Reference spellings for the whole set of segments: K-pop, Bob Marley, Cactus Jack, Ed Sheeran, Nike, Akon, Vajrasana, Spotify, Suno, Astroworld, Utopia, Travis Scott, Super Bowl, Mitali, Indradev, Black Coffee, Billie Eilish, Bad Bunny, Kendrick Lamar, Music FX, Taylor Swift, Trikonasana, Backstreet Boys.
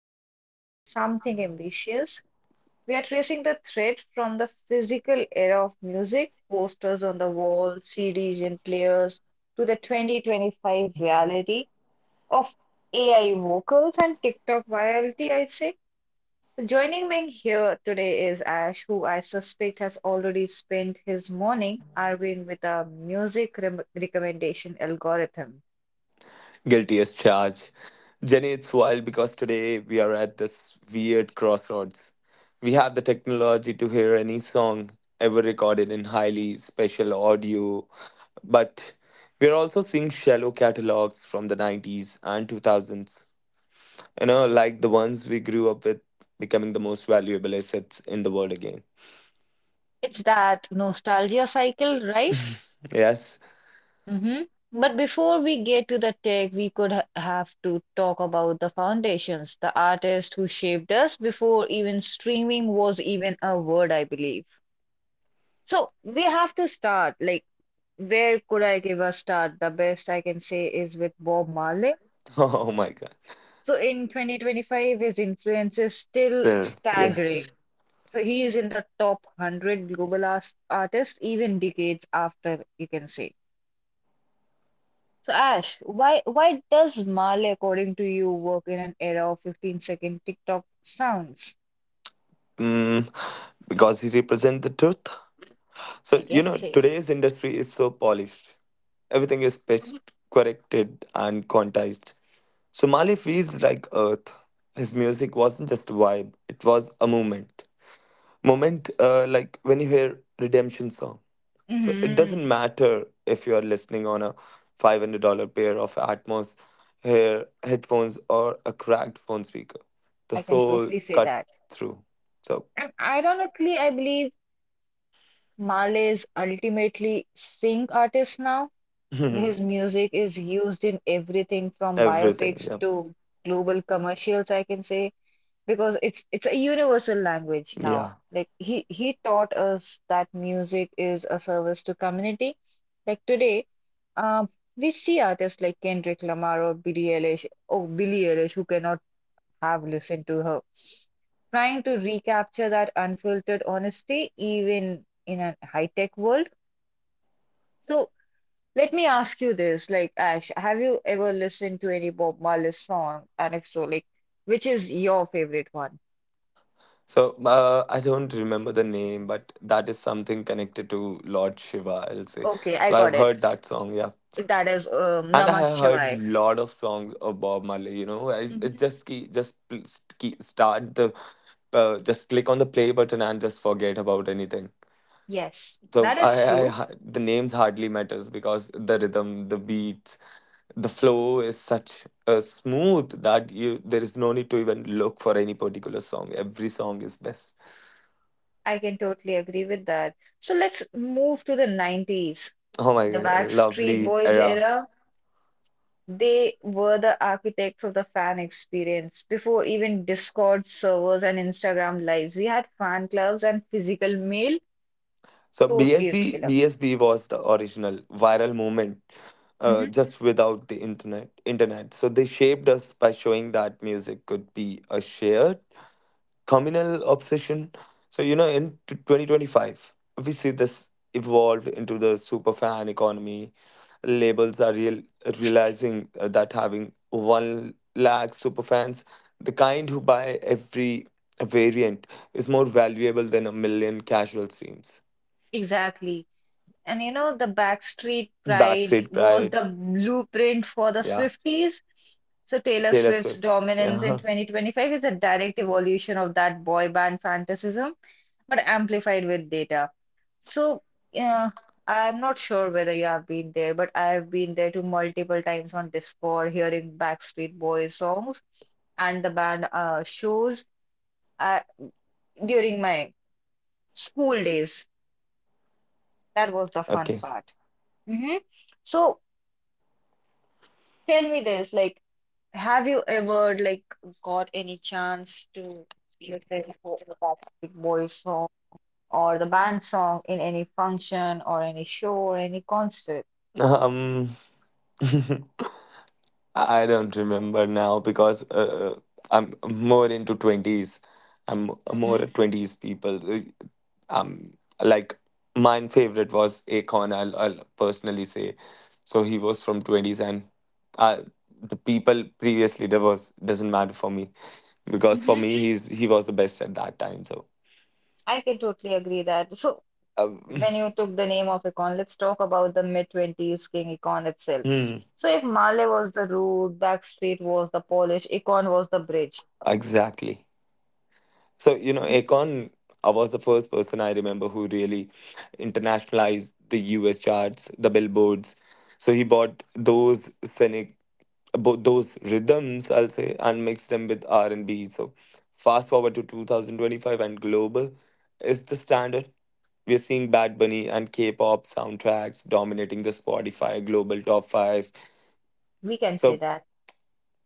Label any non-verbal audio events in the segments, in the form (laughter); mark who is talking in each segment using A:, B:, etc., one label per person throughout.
A: we are doing something ambitious. We are tracing the thread from the physical era of music, posters on the wall, CDs in players, to the 2025 reality of AI vocals and TikTok virality, I'd say. So joining me here today is Ash, who I suspect has already spent his morning arguing with a music recommendation algorithm.
B: Guilty as charged. Jenny, it's wild because today we are at this weird crossroads. We have the technology to hear any song ever recorded in highly special audio, but we are also seeing shallow catalogs from the 90s and 2000s. You know, like the ones we grew up with becoming the most valuable assets in the world again.
A: It's that nostalgia cycle, right?
B: Yes? (laughs)
A: Mm-hmm. But before we get to the tech, we could have to talk about the foundations, the artists who shaped us before even streaming was even a word, I believe. So we have to start. Like, where could I give a start? The best I can say is with Bob Marley.
B: Oh my god.
A: So in 2025, his influence is still
B: Still, yes.
A: staggering. So he is in the top 100 global artists, even decades after, you can say. So Ash, why does Male, according to you, work in an era of 15-second TikTok sounds?
B: Mm, because he represents the truth.
A: I
B: So, you
A: can
B: know,
A: say.
B: today's industry is so polished. Everything is pitched, corrected, and quantized. So, Mali feels like Earth. His music wasn't just a vibe, it was a moment. Moment, like when you hear Redemption song. So, it
A: Hmm.
B: doesn't matter if you're listening on a $500 pair of Atmos hair headphones or a cracked phone speaker. The
A: I can
B: soul
A: totally say
B: cuts
A: that.
B: through. So,
A: And ironically, I believe Male is ultimately sing artist now. His
B: (laughs)
A: music is used in everything from
B: everything.
A: biopics
B: Yeah.
A: to global commercials, I can say. Because it's a universal language now.
B: Yeah.
A: Like he taught us that music is a service to community. Like today, um, we see artists like Kendrick Lamar or Billie Eilish who cannot have listened to her, trying to recapture that unfiltered honesty even in a high-tech world. So let me ask you this, like Ash, have you ever listened to any Bob Marley song? And if so, like which is your favorite one?
B: So I don't remember the name, but that is something connected to Lord Shiva, I'll say.
A: Okay, I
B: So I've
A: got it.
B: heard that song, yeah.
A: That is
B: And I
A: Namah
B: have heard
A: Shivaya.
B: lot of songs of Bob Marley. You know, I, it
A: Mhm.
B: just key, just key, start the, just click on the play button and just forget about anything.
A: Yes,
B: So
A: that is
B: I, I
A: true.
B: ha- the names hardly matters because the rhythm, the beats, the flow is such smooth that you there is no need to even look for any particular song. Every song is best.
A: I can totally agree with that. So let's move to the 90s.
B: Oh my
A: The
B: god,
A: Backstreet
B: lovely
A: Boys
B: era.
A: era, they were the architects of the fan experience. Before even Discord servers and Instagram lives, we had fan clubs and physical mail,
B: So
A: totally
B: BSB
A: regular.
B: BSB was the original viral movement,
A: Mhm.
B: just without the internet. So they shaped us by showing that music could be a shared communal obsession. So, you know, in 2025, we see this evolved into the superfan economy. Labels are realizing that having one lakh superfans, the kind who buy every variant, is more valuable than a million casual streams.
A: Exactly. And you know, the Backstreet Pride
B: Backstreet
A: was
B: Pride,
A: the blueprint for the
B: yeah.
A: Swifties. So Taylor
B: Taylor
A: Swift's
B: Swift,
A: dominance in
B: yeah. (laughs)
A: 2025 is a direct evolution of that boy band fantasism, but amplified with data. So, uh, I'm not sure whether you have been there, but I've been there to multiple times on Discord hearing Backstreet Boys songs and the band shows uh, during my school days. That was the fun
B: Okay.
A: part. Hmm. So tell me this, like, have you ever like got any chance to listen to the Backstreet Boys song or the band song in any function or any show or any concert?
B: Um, (laughs) I don't remember now because I'm more into 20s. I'm more
A: Hmm.
B: a 20s people. Um, like my favorite was Akon, I'll personally say. So he was from 20s and I, the people previously there was doesn't matter for me because for
A: Hmm.
B: me he was the best at that time. So
A: I can totally agree that. So
B: um,
A: when you took the name of Akon, let's talk about the mid-twenties King Akon itself.
B: (laughs) hmm,
A: So if Marley was the root, Backstreet was the polish, Akon was the bridge.
B: exactly. So, you know,
A: Mhm.
B: Akon was the first person I remember who really internationalized the US charts, the billboards. So he bought those those rhythms, I'll say, and mixed them with R&B. So fast forward to 2025, and global is the standard. We're seeing Bad Bunny and K-pop soundtracks dominating the Spotify global top five.
A: We can say
B: So
A: that.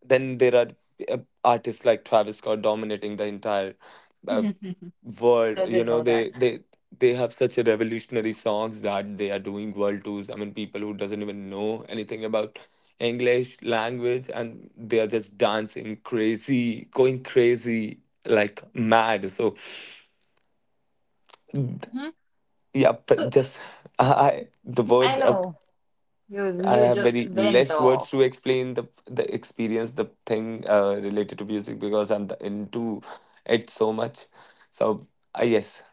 B: then there are uh, artists like Travis Scott dominating the entire
A: (laughs)
B: uh,
A: Who
B: world. You
A: doesn't
B: know,
A: know that?
B: they they have such a revolutionary songs that they are doing world tours. I mean, people who doesn't even know anything about english language, and they are just dancing crazy, going crazy like mad. So
A: Mhm.
B: yeah, but
A: So
B: just the
A: I
B: words are,
A: know. You
B: I
A: you
B: have
A: just
B: very
A: went
B: less
A: off.
B: words to explain the experience, the thing related to music because I'm into it so much. So yes.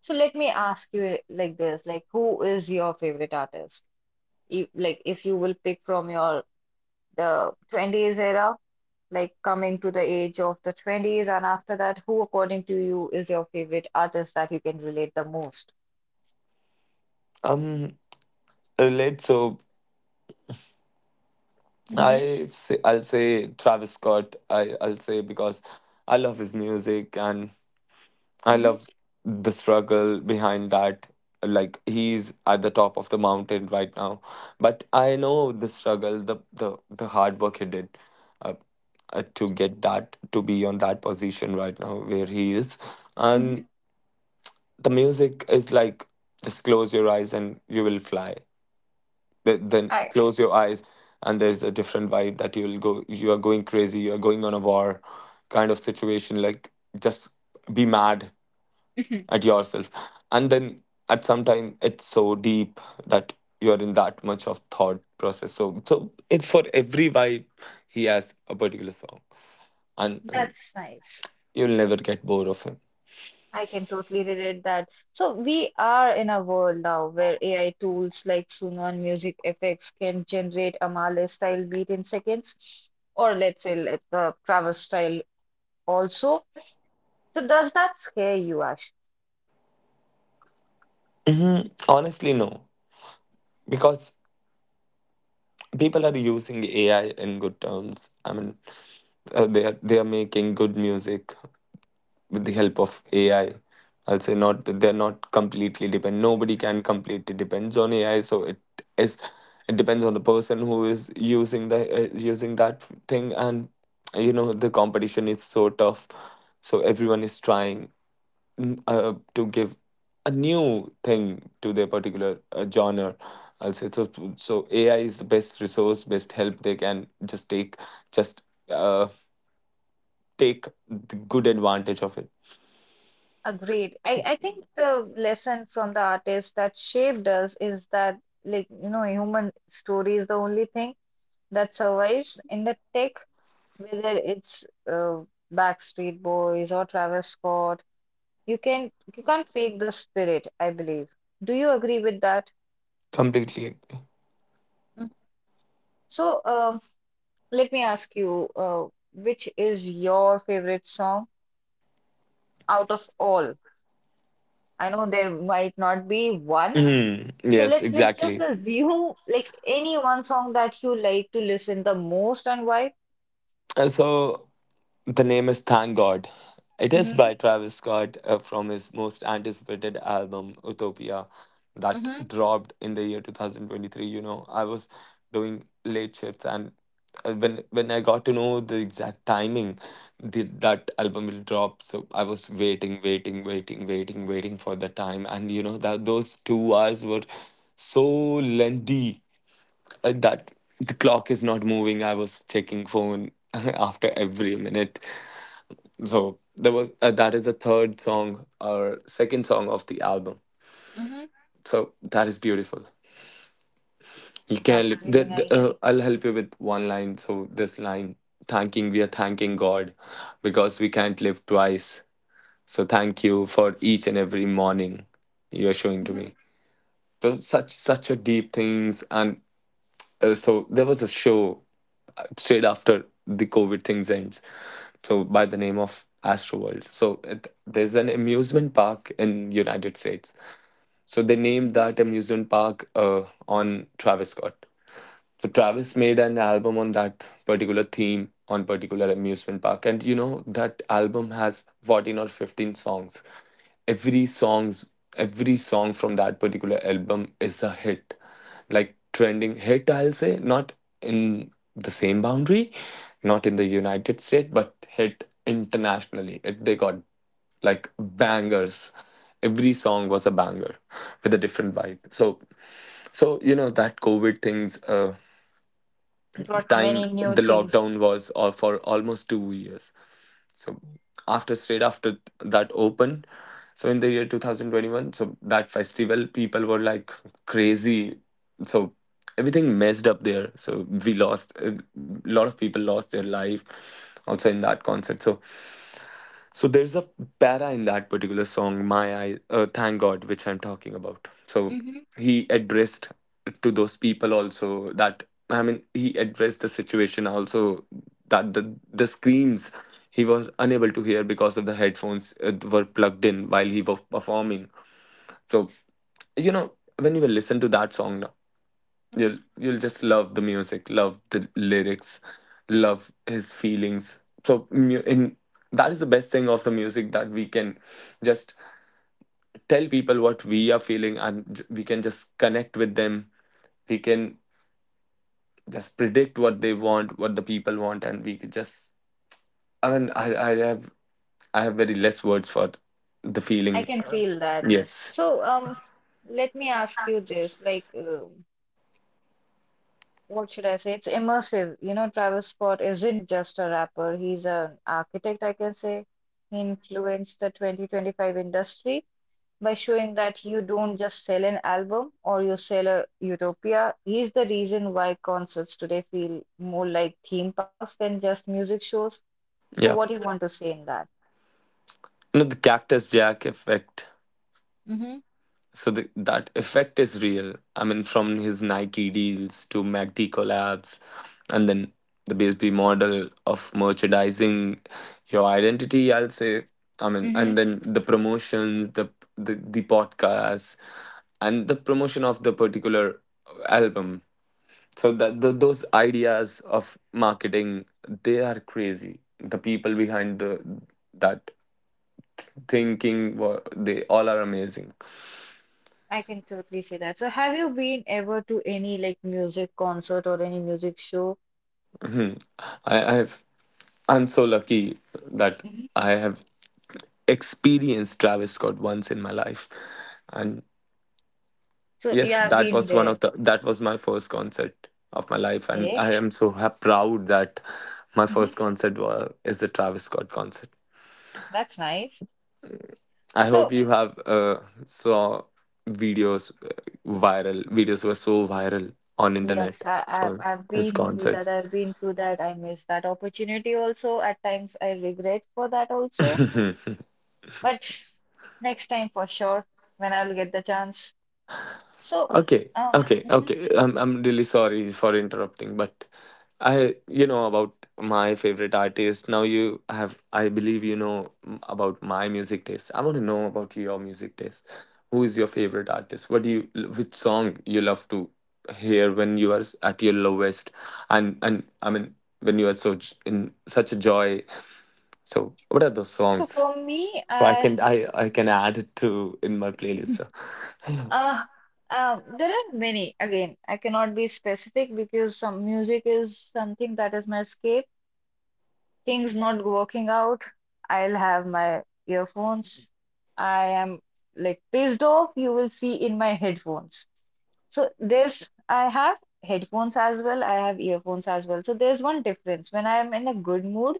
A: So let me ask you it like this, like who is your favorite artist? If, like if you will pick from your the 20s era, like coming to the age of the 20s and after that, who according to you is your favorite artist that you can relate the most?
B: um Relate, so
A: Mm-hmm.
B: I say, I'll say Travis Scott. I'll say because I love his music and I
A: Mm-hmm.
B: love the struggle behind that. Like, he's at the top of the mountain right now, but I know the struggle, the the hard work he did, uh, to get that, to be on that position right now where he is,
A: Mm-hmm.
B: and the music is like, just close your eyes and you will fly. Then
A: I,
B: close your eyes and there's a different vibe that you are going crazy, you are going on a war kind of situation, like just be mad at
A: (laughs)
B: yourself. And then at some time it's so deep that you're in that much of thought process. So so it's for every vibe he has a particular song. and,
A: Mhm.
B: and
A: That's nice.
B: you'll never get bored of him.
A: I can totally relate that. So we are in a world now where AI tools like Suno and Music FX can generate a Marley style beat in seconds, or let's say like the Travis style also. So does that scare you, Ash?
B: Honestly no, because people are using ai in good terms. I mean they are making good music with the help of AI. I'll say, not that they're not completely depend. Nobody can completely depends on AI. So it is, it depends on the person who is using the using that thing, and you know the competition is so tough. So everyone is trying, to give a new thing to their particular genre, I'll say. So. So AI is the best resource, best help they can just uh, take the good advantage of it.
A: Agreed. I think the lesson from the artist that shaped us is that, like, you know, human story is the only thing that survives in the tech, whether it's uh, Backstreet Boys or Travis Scott. You can you can't fake the spirit, I believe. Do you agree with that?
B: Completely.
A: Mhm. So, let me ask you, which is your favorite song out of all? I know there might not be one. So
B: Yes,
A: let's just
B: exactly.
A: assume like any one song that you like to listen the most and why?
B: So the name is Thank God. It is
A: Mhm.
B: by Travis Scott, from his most anticipated album, Utopia, that
A: Mhm.
B: dropped in the year 2023. You know, I was doing late shifts, and when I got to know the exact timing, the, that album will drop, so I was waiting, waiting, waiting, waiting, waiting for the time. And you know that those 2 hours were so lengthy, that the clock is not moving. I was checking phone (laughs) after every minute. So there was, that is the third song or second song of the album.
A: Mhm.
B: So that is beautiful. You
A: That's
B: can
A: really nice.
B: I'll help you with one line. So this line, thanking we are thanking God because we can't live twice. So thank you for each and every morning you are showing to
A: Mhm.
B: me. So such such a deep things. And so there was a show straight after the COVID things ends. So by the name of Astroworld. So it, there's an amusement park in United States. So they named
A: Mhm.
B: that amusement park on Travis Scott. So Travis made an album on that particular theme, on particular amusement park, and you know that album has 14 or 15 songs. Every songs, every song from that particular album is a hit, like trending hit. I'll say, not in the same boundary, not in the United States, but hit internationally. They got like bangers. Every song was a banger with a different vibe. So, so you know that COVID things,
A: Brought
B: time
A: many new
B: the
A: things.
B: lockdown was, or for almost 2 years. So after, straight after that opened, so in the year 2021, so that festival, people were like crazy. So everything messed up there. So we lost a lot of people lost their life also in that concert. So, so there's a para in that particular song, "My Eye, Thank God," which I'm talking about. So he addressed to those people also, that, I mean, he addressed the situation also, that the screams he was unable to hear because of the headphones were plugged in while he was performing. So you know, when you will listen to that song now,
A: Mhm.
B: You'll just love the music, love the lyrics, love his feelings. So mu- in that is the best thing of the music, that we can just tell people what we are feeling, and we can just connect with them. We can just predict what they want, what the people want, and we could just. I mean, I have very less words for the
A: I
B: feeling.
A: can feel that.
B: Yes,
A: So, let me ask you this, like, what should I say? It's immersive. You know, Travis Scott isn't just a rapper, he's an architect, I can say. He influenced the 2025 industry by showing that you don't just sell an album or you sell a utopia. He's the reason why concerts today feel more like theme parks than just music shows. So,
B: yeah.
A: what do you want to say in that?
B: You know, the Cactus Jack effect. So that effect is real. I mean, from his Nike deals to MACD collabs, and then the BSB model of merchandising your identity, I'll say. I mean,
A: Mm-hmm.
B: and then the promotions, the the podcasts, and the promotion of the particular album. So those ideas of marketing, they are crazy. The people behind the that thinking, they all are amazing.
A: I can totally say that. So, have you been ever to any like music concert or any music show?
B: Mhm. I, I've I'm so lucky that
A: Mhm.
B: I have experienced Travis Scott once in my life. And
A: So,
B: yes,
A: yeah, I've
B: that
A: been
B: was one
A: there.
B: of the that was my first concert of my life, and
A: Okay.
B: I am so proud that my first
A: Hmm.
B: concert was is the Travis Scott concert.
A: That's nice.
B: I hope
A: So,
B: you have saw videos, viral videos were so viral on internet
A: yes, I, I've,
B: for
A: I've
B: his
A: been through that.
B: concerts.
A: I've been through that. I missed that opportunity also. At times, I regret for that also. But next time for sure, when I'll get the chance. So,
B: Okay, okay,
A: mhm.
B: okay. I'm really sorry for interrupting, but I, you know about my favorite artist. Now you have, I believe you know about my music taste. I want to know about your music taste. Who is your favorite artist? What do you Which song you love to hear when you are at your lowest, and I mean when you are so in such a joy. So what are those
A: So
B: songs?
A: for me,
B: So I
A: I
B: can, I can add it to in my playlist. So.
A: (laughs) Uh, there are many. Again, I cannot be specific because some music is something that is my escape. Things not working out, I'll have my earphones. I am like pissed off, you will see in my headphones. So this, I have headphones as well, I have earphones as well. So there's one difference. When I am in a good mood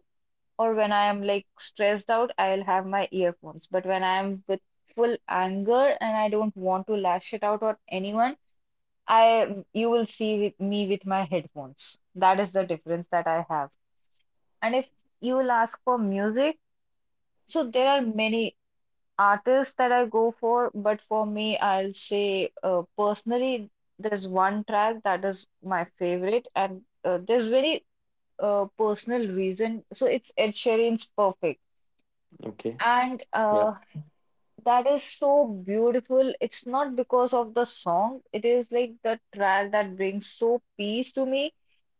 A: or when I am like stressed out, I'll have my earphones. But when I am with full anger and I don't want to lash it out on anyone, I you will see with me with my headphones. That is the difference that I have. And if you will ask for music, so there are many artists that I go for, but for me, I'll say personally, there's one track that is my favorite, and there's very personal reason. So it's Ed Sheeran's Perfect.
B: (laughs) Okay.
A: And
B: Yeah.
A: that is so beautiful. It's not because of the song, it is like the track that brings so peace to me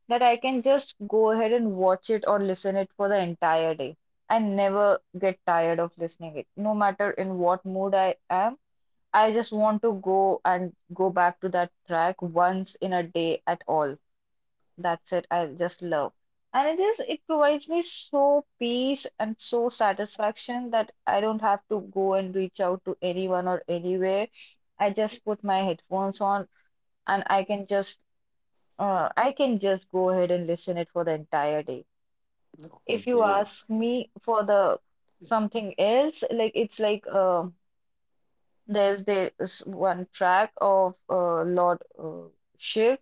A: that I can just go ahead and watch it or listen it for the entire day and never get tired of listening it. No matter in what mood I am, I just want to go and go back to that track once in a day at all. That's it. I just love. And it is, it provides me so peace and so satisfaction that I don't have to go and reach out to anyone or anywhere. I just put my headphones on and I can just go ahead and listen it for the entire day. If you
B: Okay.
A: ask me for the something else, like it's like there's this one track of Lord Shiv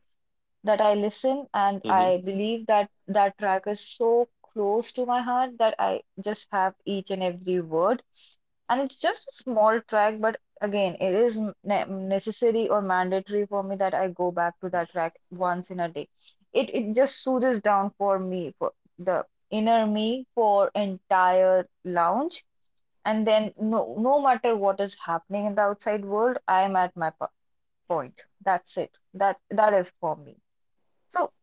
A: that I listen, and
B: Mm-hmm.
A: I believe that that track is so close to my heart that I just have each and every word. And it's just a small track, but again, it is necessary or mandatory for me that I go back to that track once in a day. It just soothes down for me, for the inner me, for entire lounge. And then no matter what is happening in the outside world, I am at my point. That's it. That is for me. So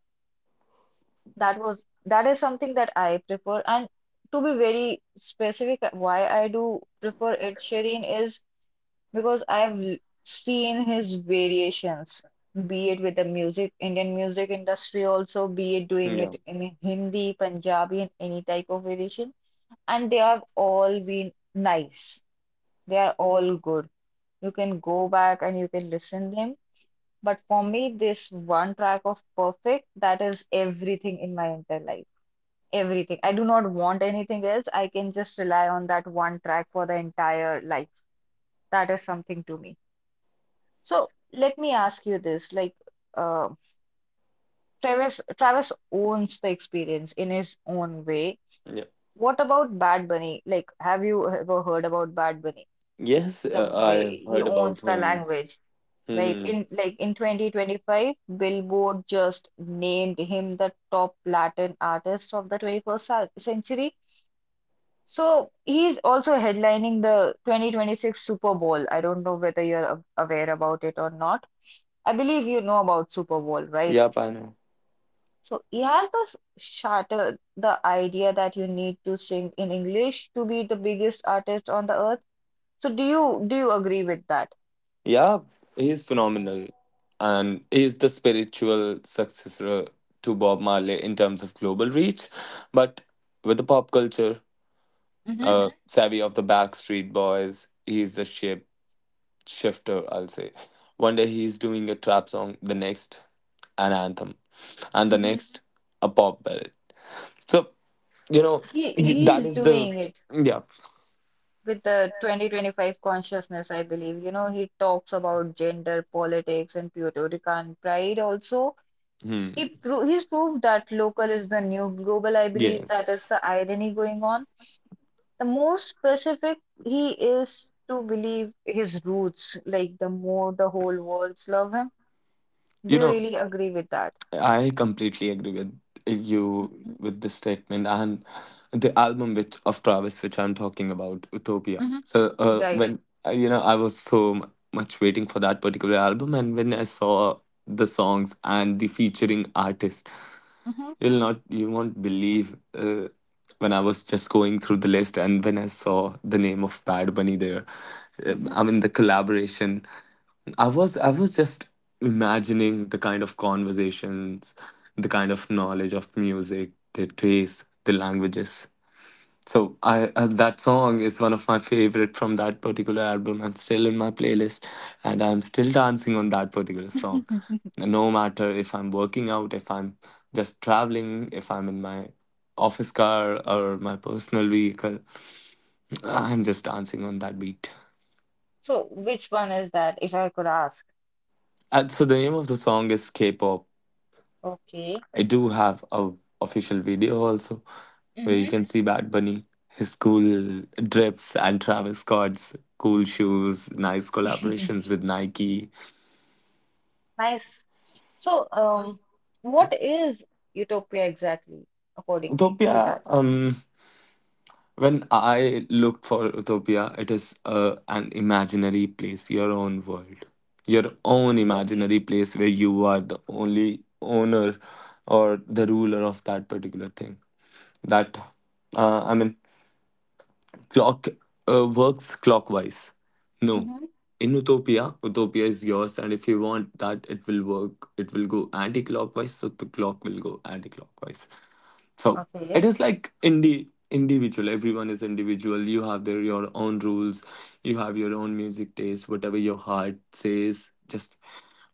A: that is something that I prefer. And to be very specific, why I do prefer Ed Sheeran is because I've seen his variations, be it with the music, Indian music industry also, be it doing
B: Yeah.
A: it in Hindi, Punjabi, and any type of variation. And they have all been nice. They are all good. You can go back and you can listen them. But for me, this one track of Perfect, that is everything in my entire life. Everything. I do not want anything else. I can just rely on that one track for the entire life. That is something to me. So let me ask you this, like uh, Travis owns the experience in his own way.
B: Yeah.
A: What about Bad Bunny? Like, have you ever heard about Bad Bunny?
B: Yes,
A: The way
B: I've
A: he
B: heard about
A: owns the
B: him.
A: language, right?
B: Mm-hmm.
A: In like in 2025, Billboard just named him the top Latin artist of the 21st century. So he's also headlining the 2026 Super Bowl. I don't know whether you're aware about it or not. I believe you know about Super Bowl, right?
B: Yep, I know.
A: So he has thus shattered the idea that you need to sing in English to be the biggest artist on the earth. So do you agree with that?
B: Yeah, he's phenomenal. And he's the spiritual successor to Bob Marley in terms of global reach. But with the pop culture,
A: Mm-hmm.
B: Mhm. savvy of the Backstreet Boys, he's the shape shifter, I'll say. One day he's doing a trap song, the next, an anthem, and the
A: Mm-hmm.
B: next, a pop ballad. So you know
A: He
B: that
A: he's
B: is the
A: doing it
B: yeah
A: with the 2025 consciousness, I believe. You know, he talks about gender politics and Puerto Rican pride also.
B: hmm.
A: He's proved that local is the new global, I believe that is
B: yes
A: the irony going on. The more specific he is to believe his roots, like the more the whole world's love him. Do
B: you
A: you
B: know
A: really agree with that?
B: I completely agree with you
A: Mm-hmm.
B: with this statement. And the album which of travis which I'm talking about, Utopia. So
A: Right.
B: when I was much waiting for that particular album, and when I saw the songs and the featuring artists,
A: Mm-hmm.
B: you'll not, you won't believe when I was just going through the list and when I saw the name of Bad Bunny there, I mean, the collaboration. I was just imagining the kind of conversations, the kind of knowledge of music, their taste, the languages. So I that song is one of my favorite from that particular album and still in my playlist, and I'm still dancing on that particular song.
A: Mm-hmm. (laughs)
B: No matter if I'm working out, if I'm just traveling, if I'm in my office car or my personal vehicle, I'm just dancing on that beat.
A: So, which one is that, if I could ask?
B: And so the name of the song is K-pop.
A: Okay.
B: I do have a official video also, where you
A: Mm-hmm.
B: can see Bad Bunny, his cool drips, and Travis Scott's cool shoes, nice collaborations with Nike.
A: (laughs) Nice. So, what is utopia exactly, according to
B: Utopia,
A: that?
B: when I looked for Utopia, it is an imaginary place, your own world, your own
A: Okay.
B: imaginary place where you are the only owner or the ruler of that particular thing. That I mean, clock works clockwise. No.
A: Mm-hmm.
B: In Utopia, Utopia is yours, and if you want that, it will work. It will go anti-clockwise, so the clock will go anti-clockwise. So
A: Okay.
B: it is like individual. Everyone is individual. You have their your own rules. You have your own music taste. Whatever your heart says, just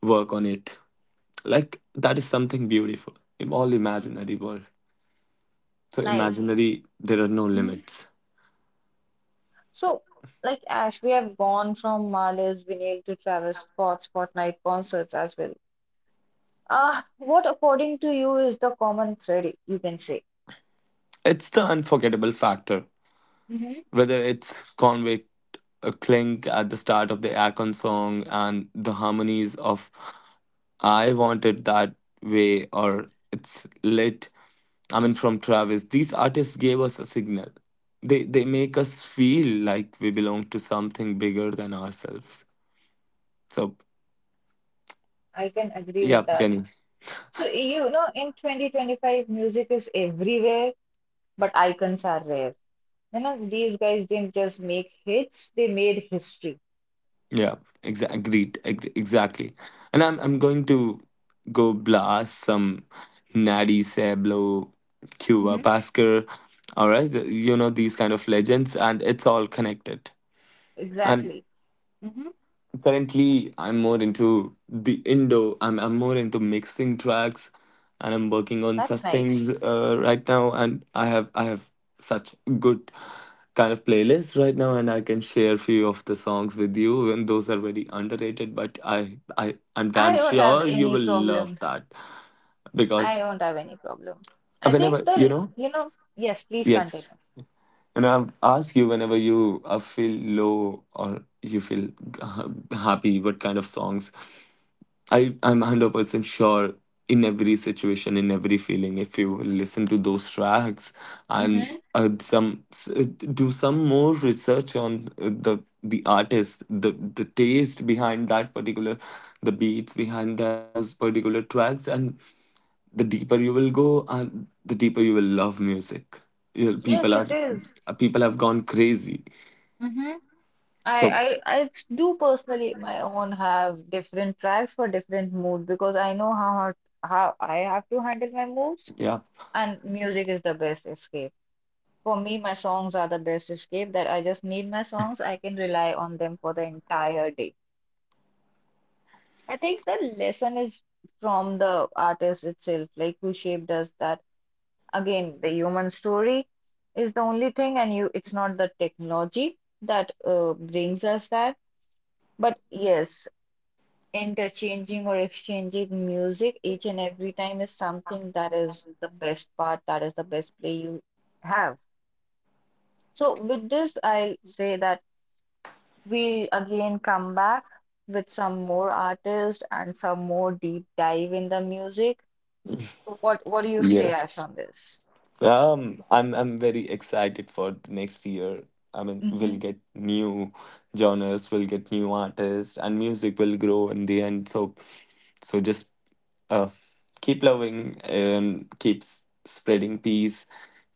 B: work on it. Like that is something beautiful. In all imaginary world. So
A: Nice.
B: imaginary, there are no limits.
A: So, like Ash, we have gone from Marley's vinyl to Travis Scott's Fortnite concerts as well. Ah, what according to you is the common thread, you can say?
B: It's the unforgettable factor,
A: Hmm.
B: whether it's Convict, a clink at the start of the Akon song, and the harmonies of I Want It That Way, or It's Lit, I mean, from Travis. These artists gave us a signal. They make us feel like we belong to something bigger than ourselves. So,
A: I can agree with
B: yeah,
A: that.
B: Jenny.
A: So, you know, in 2025, music is everywhere, but icons are rare. You know, these guys didn't just make hits, they made history.
B: Yeah, exactly. And I'm going to go blast some Natty Sablo, Cuba
A: Mhm.
B: Pascal, all right, these kind of legends, and it's all connected. And
A: Exactly. Mhm.
B: currently, I'm more into the Indo. I'm more into mixing tracks, and I'm working on such
A: That's nice.
B: things right now. And I have such good kind of playlist right now, and I can share few of the songs with you. And those are very underrated, but I'm
A: I
B: damn
A: don't have
B: sure you
A: any
B: will love
A: problem
B: that
A: I
B: because
A: don't have any problem. I think
B: whenever you know
A: yes, please
B: yes.
A: continue.
B: And I've asked you, whenever you feel low or you feel happy, what kind of songs. I'm 100% sure in every situation, in every feeling, if you listen to those tracks, and
A: Mm-hmm.
B: do some more research on the artist, the taste behind that particular, the beats behind that those particular tracks, and the deeper you will go, and the deeper you will love music. You know, people
A: Yes,
B: are
A: it is.
B: people have gone crazy.
A: Mm-hmm. I,
B: So
A: I, I do personally my own have different tracks for different mood because I know how hard, how I have to handle my moods
B: yeah,
A: and music is the best escape. For me, my songs are the best escape that I just need my songs. I can rely on them for the entire day. I think the lesson is from the artist itself, like who shaped us that, again, the human story is the only thing, and you it's not the technology that brings us that. But yes, interchanging or exchanging music each and every time is something that is the best part, that is the best play you have. So with this, I say that we again come back with some more artists and some more deep dive in the music. What do you say, Ash,
B: yes.
A: on this?
B: I'm very excited for the next year. I mean,
A: Hmm.
B: we'll get new genres, we'll get new artists, and music will grow in the end. So, so just uh, keep loving and spreading peace,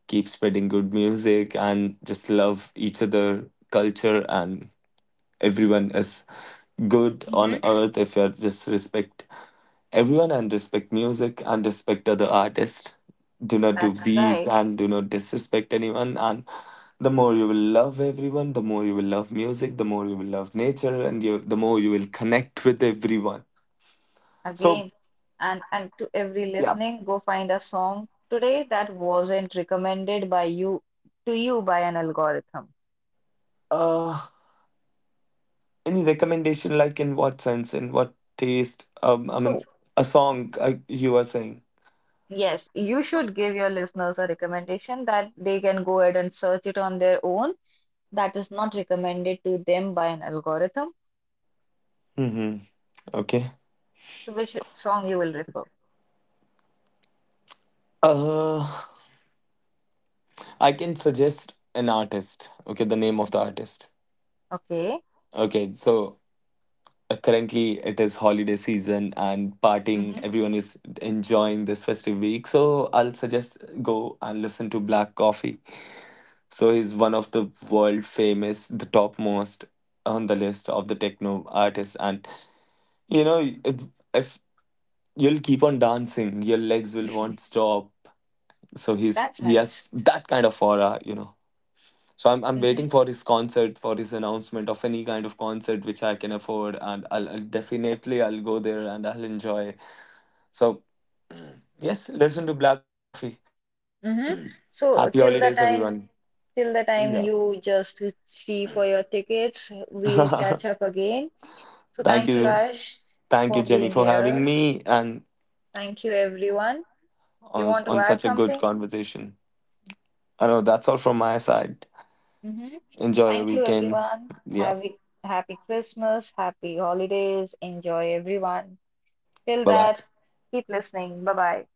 B: keep spreading good music, and just love each other, culture, and everyone is good on
A: Hmm.
B: earth if you just respect everyone and respect music and respect other artists. Do not do
A: That's
B: beefs
A: right.
B: and do not disrespect anyone. And the more you will love everyone, the more you will love music, the more you will love nature, and you, the more you will connect with everyone. So,
A: Again, and to every
B: yeah.
A: listening, go find a song today that wasn't recommended by you to you by an algorithm.
B: Uh, any recommendation, like in what sense, in what taste? I mean,
A: So
B: a song you are saying.
A: yes, you should give your listeners a recommendation that they can go ahead and search it on their own, that is not recommended to them by an algorithm.
B: Mm-hmm. Okay.
A: So which song you will refer?
B: Uh, I can suggest an artist. Okay, the name of the artist.
A: Okay.
B: Okay, so currently it is holiday season and partying. Everyone is enjoying this festive week. So I'll suggest go and listen to Black Coffee. So he's one of the world famous, the topmost on the list of the techno artists. And you know, it, if you'll keep on dancing, your legs will
A: Hmm.
B: won't
A: (laughs)
B: stop. So
A: That's
B: he
A: nice.
B: has that kind of aura, you know. So I'm
A: Hmm.
B: waiting for his concert, for his announcement of any kind of concert which I can afford, and I'll definitely I'll go there and I'll enjoy. So yes, listen to Black Coffee, and
A: Hmm.
B: (clears throat)
A: So
B: happy
A: till the
B: holidays,
A: time
B: everyone.
A: till the time
B: Yeah.
A: you just see for your tickets, we'll catch
B: (laughs)
A: up again. So
B: Thank
A: thank you,
B: you,
A: Ash,
B: thank you,
A: for
B: Jenny,
A: being
B: for having
A: here.
B: me and
A: Thank you, everyone. You want to
B: on
A: add
B: such a good
A: something?
B: conversation. I know that's all from my side.
A: Hmm.
B: Enjoy your
A: Thank you,
B: weekend.
A: everyone.
B: Yeah.
A: Happy, happy Christmas, happy holidays. Enjoy, everyone. Till
B: Bye bye.
A: that, keep listening. Bye bye.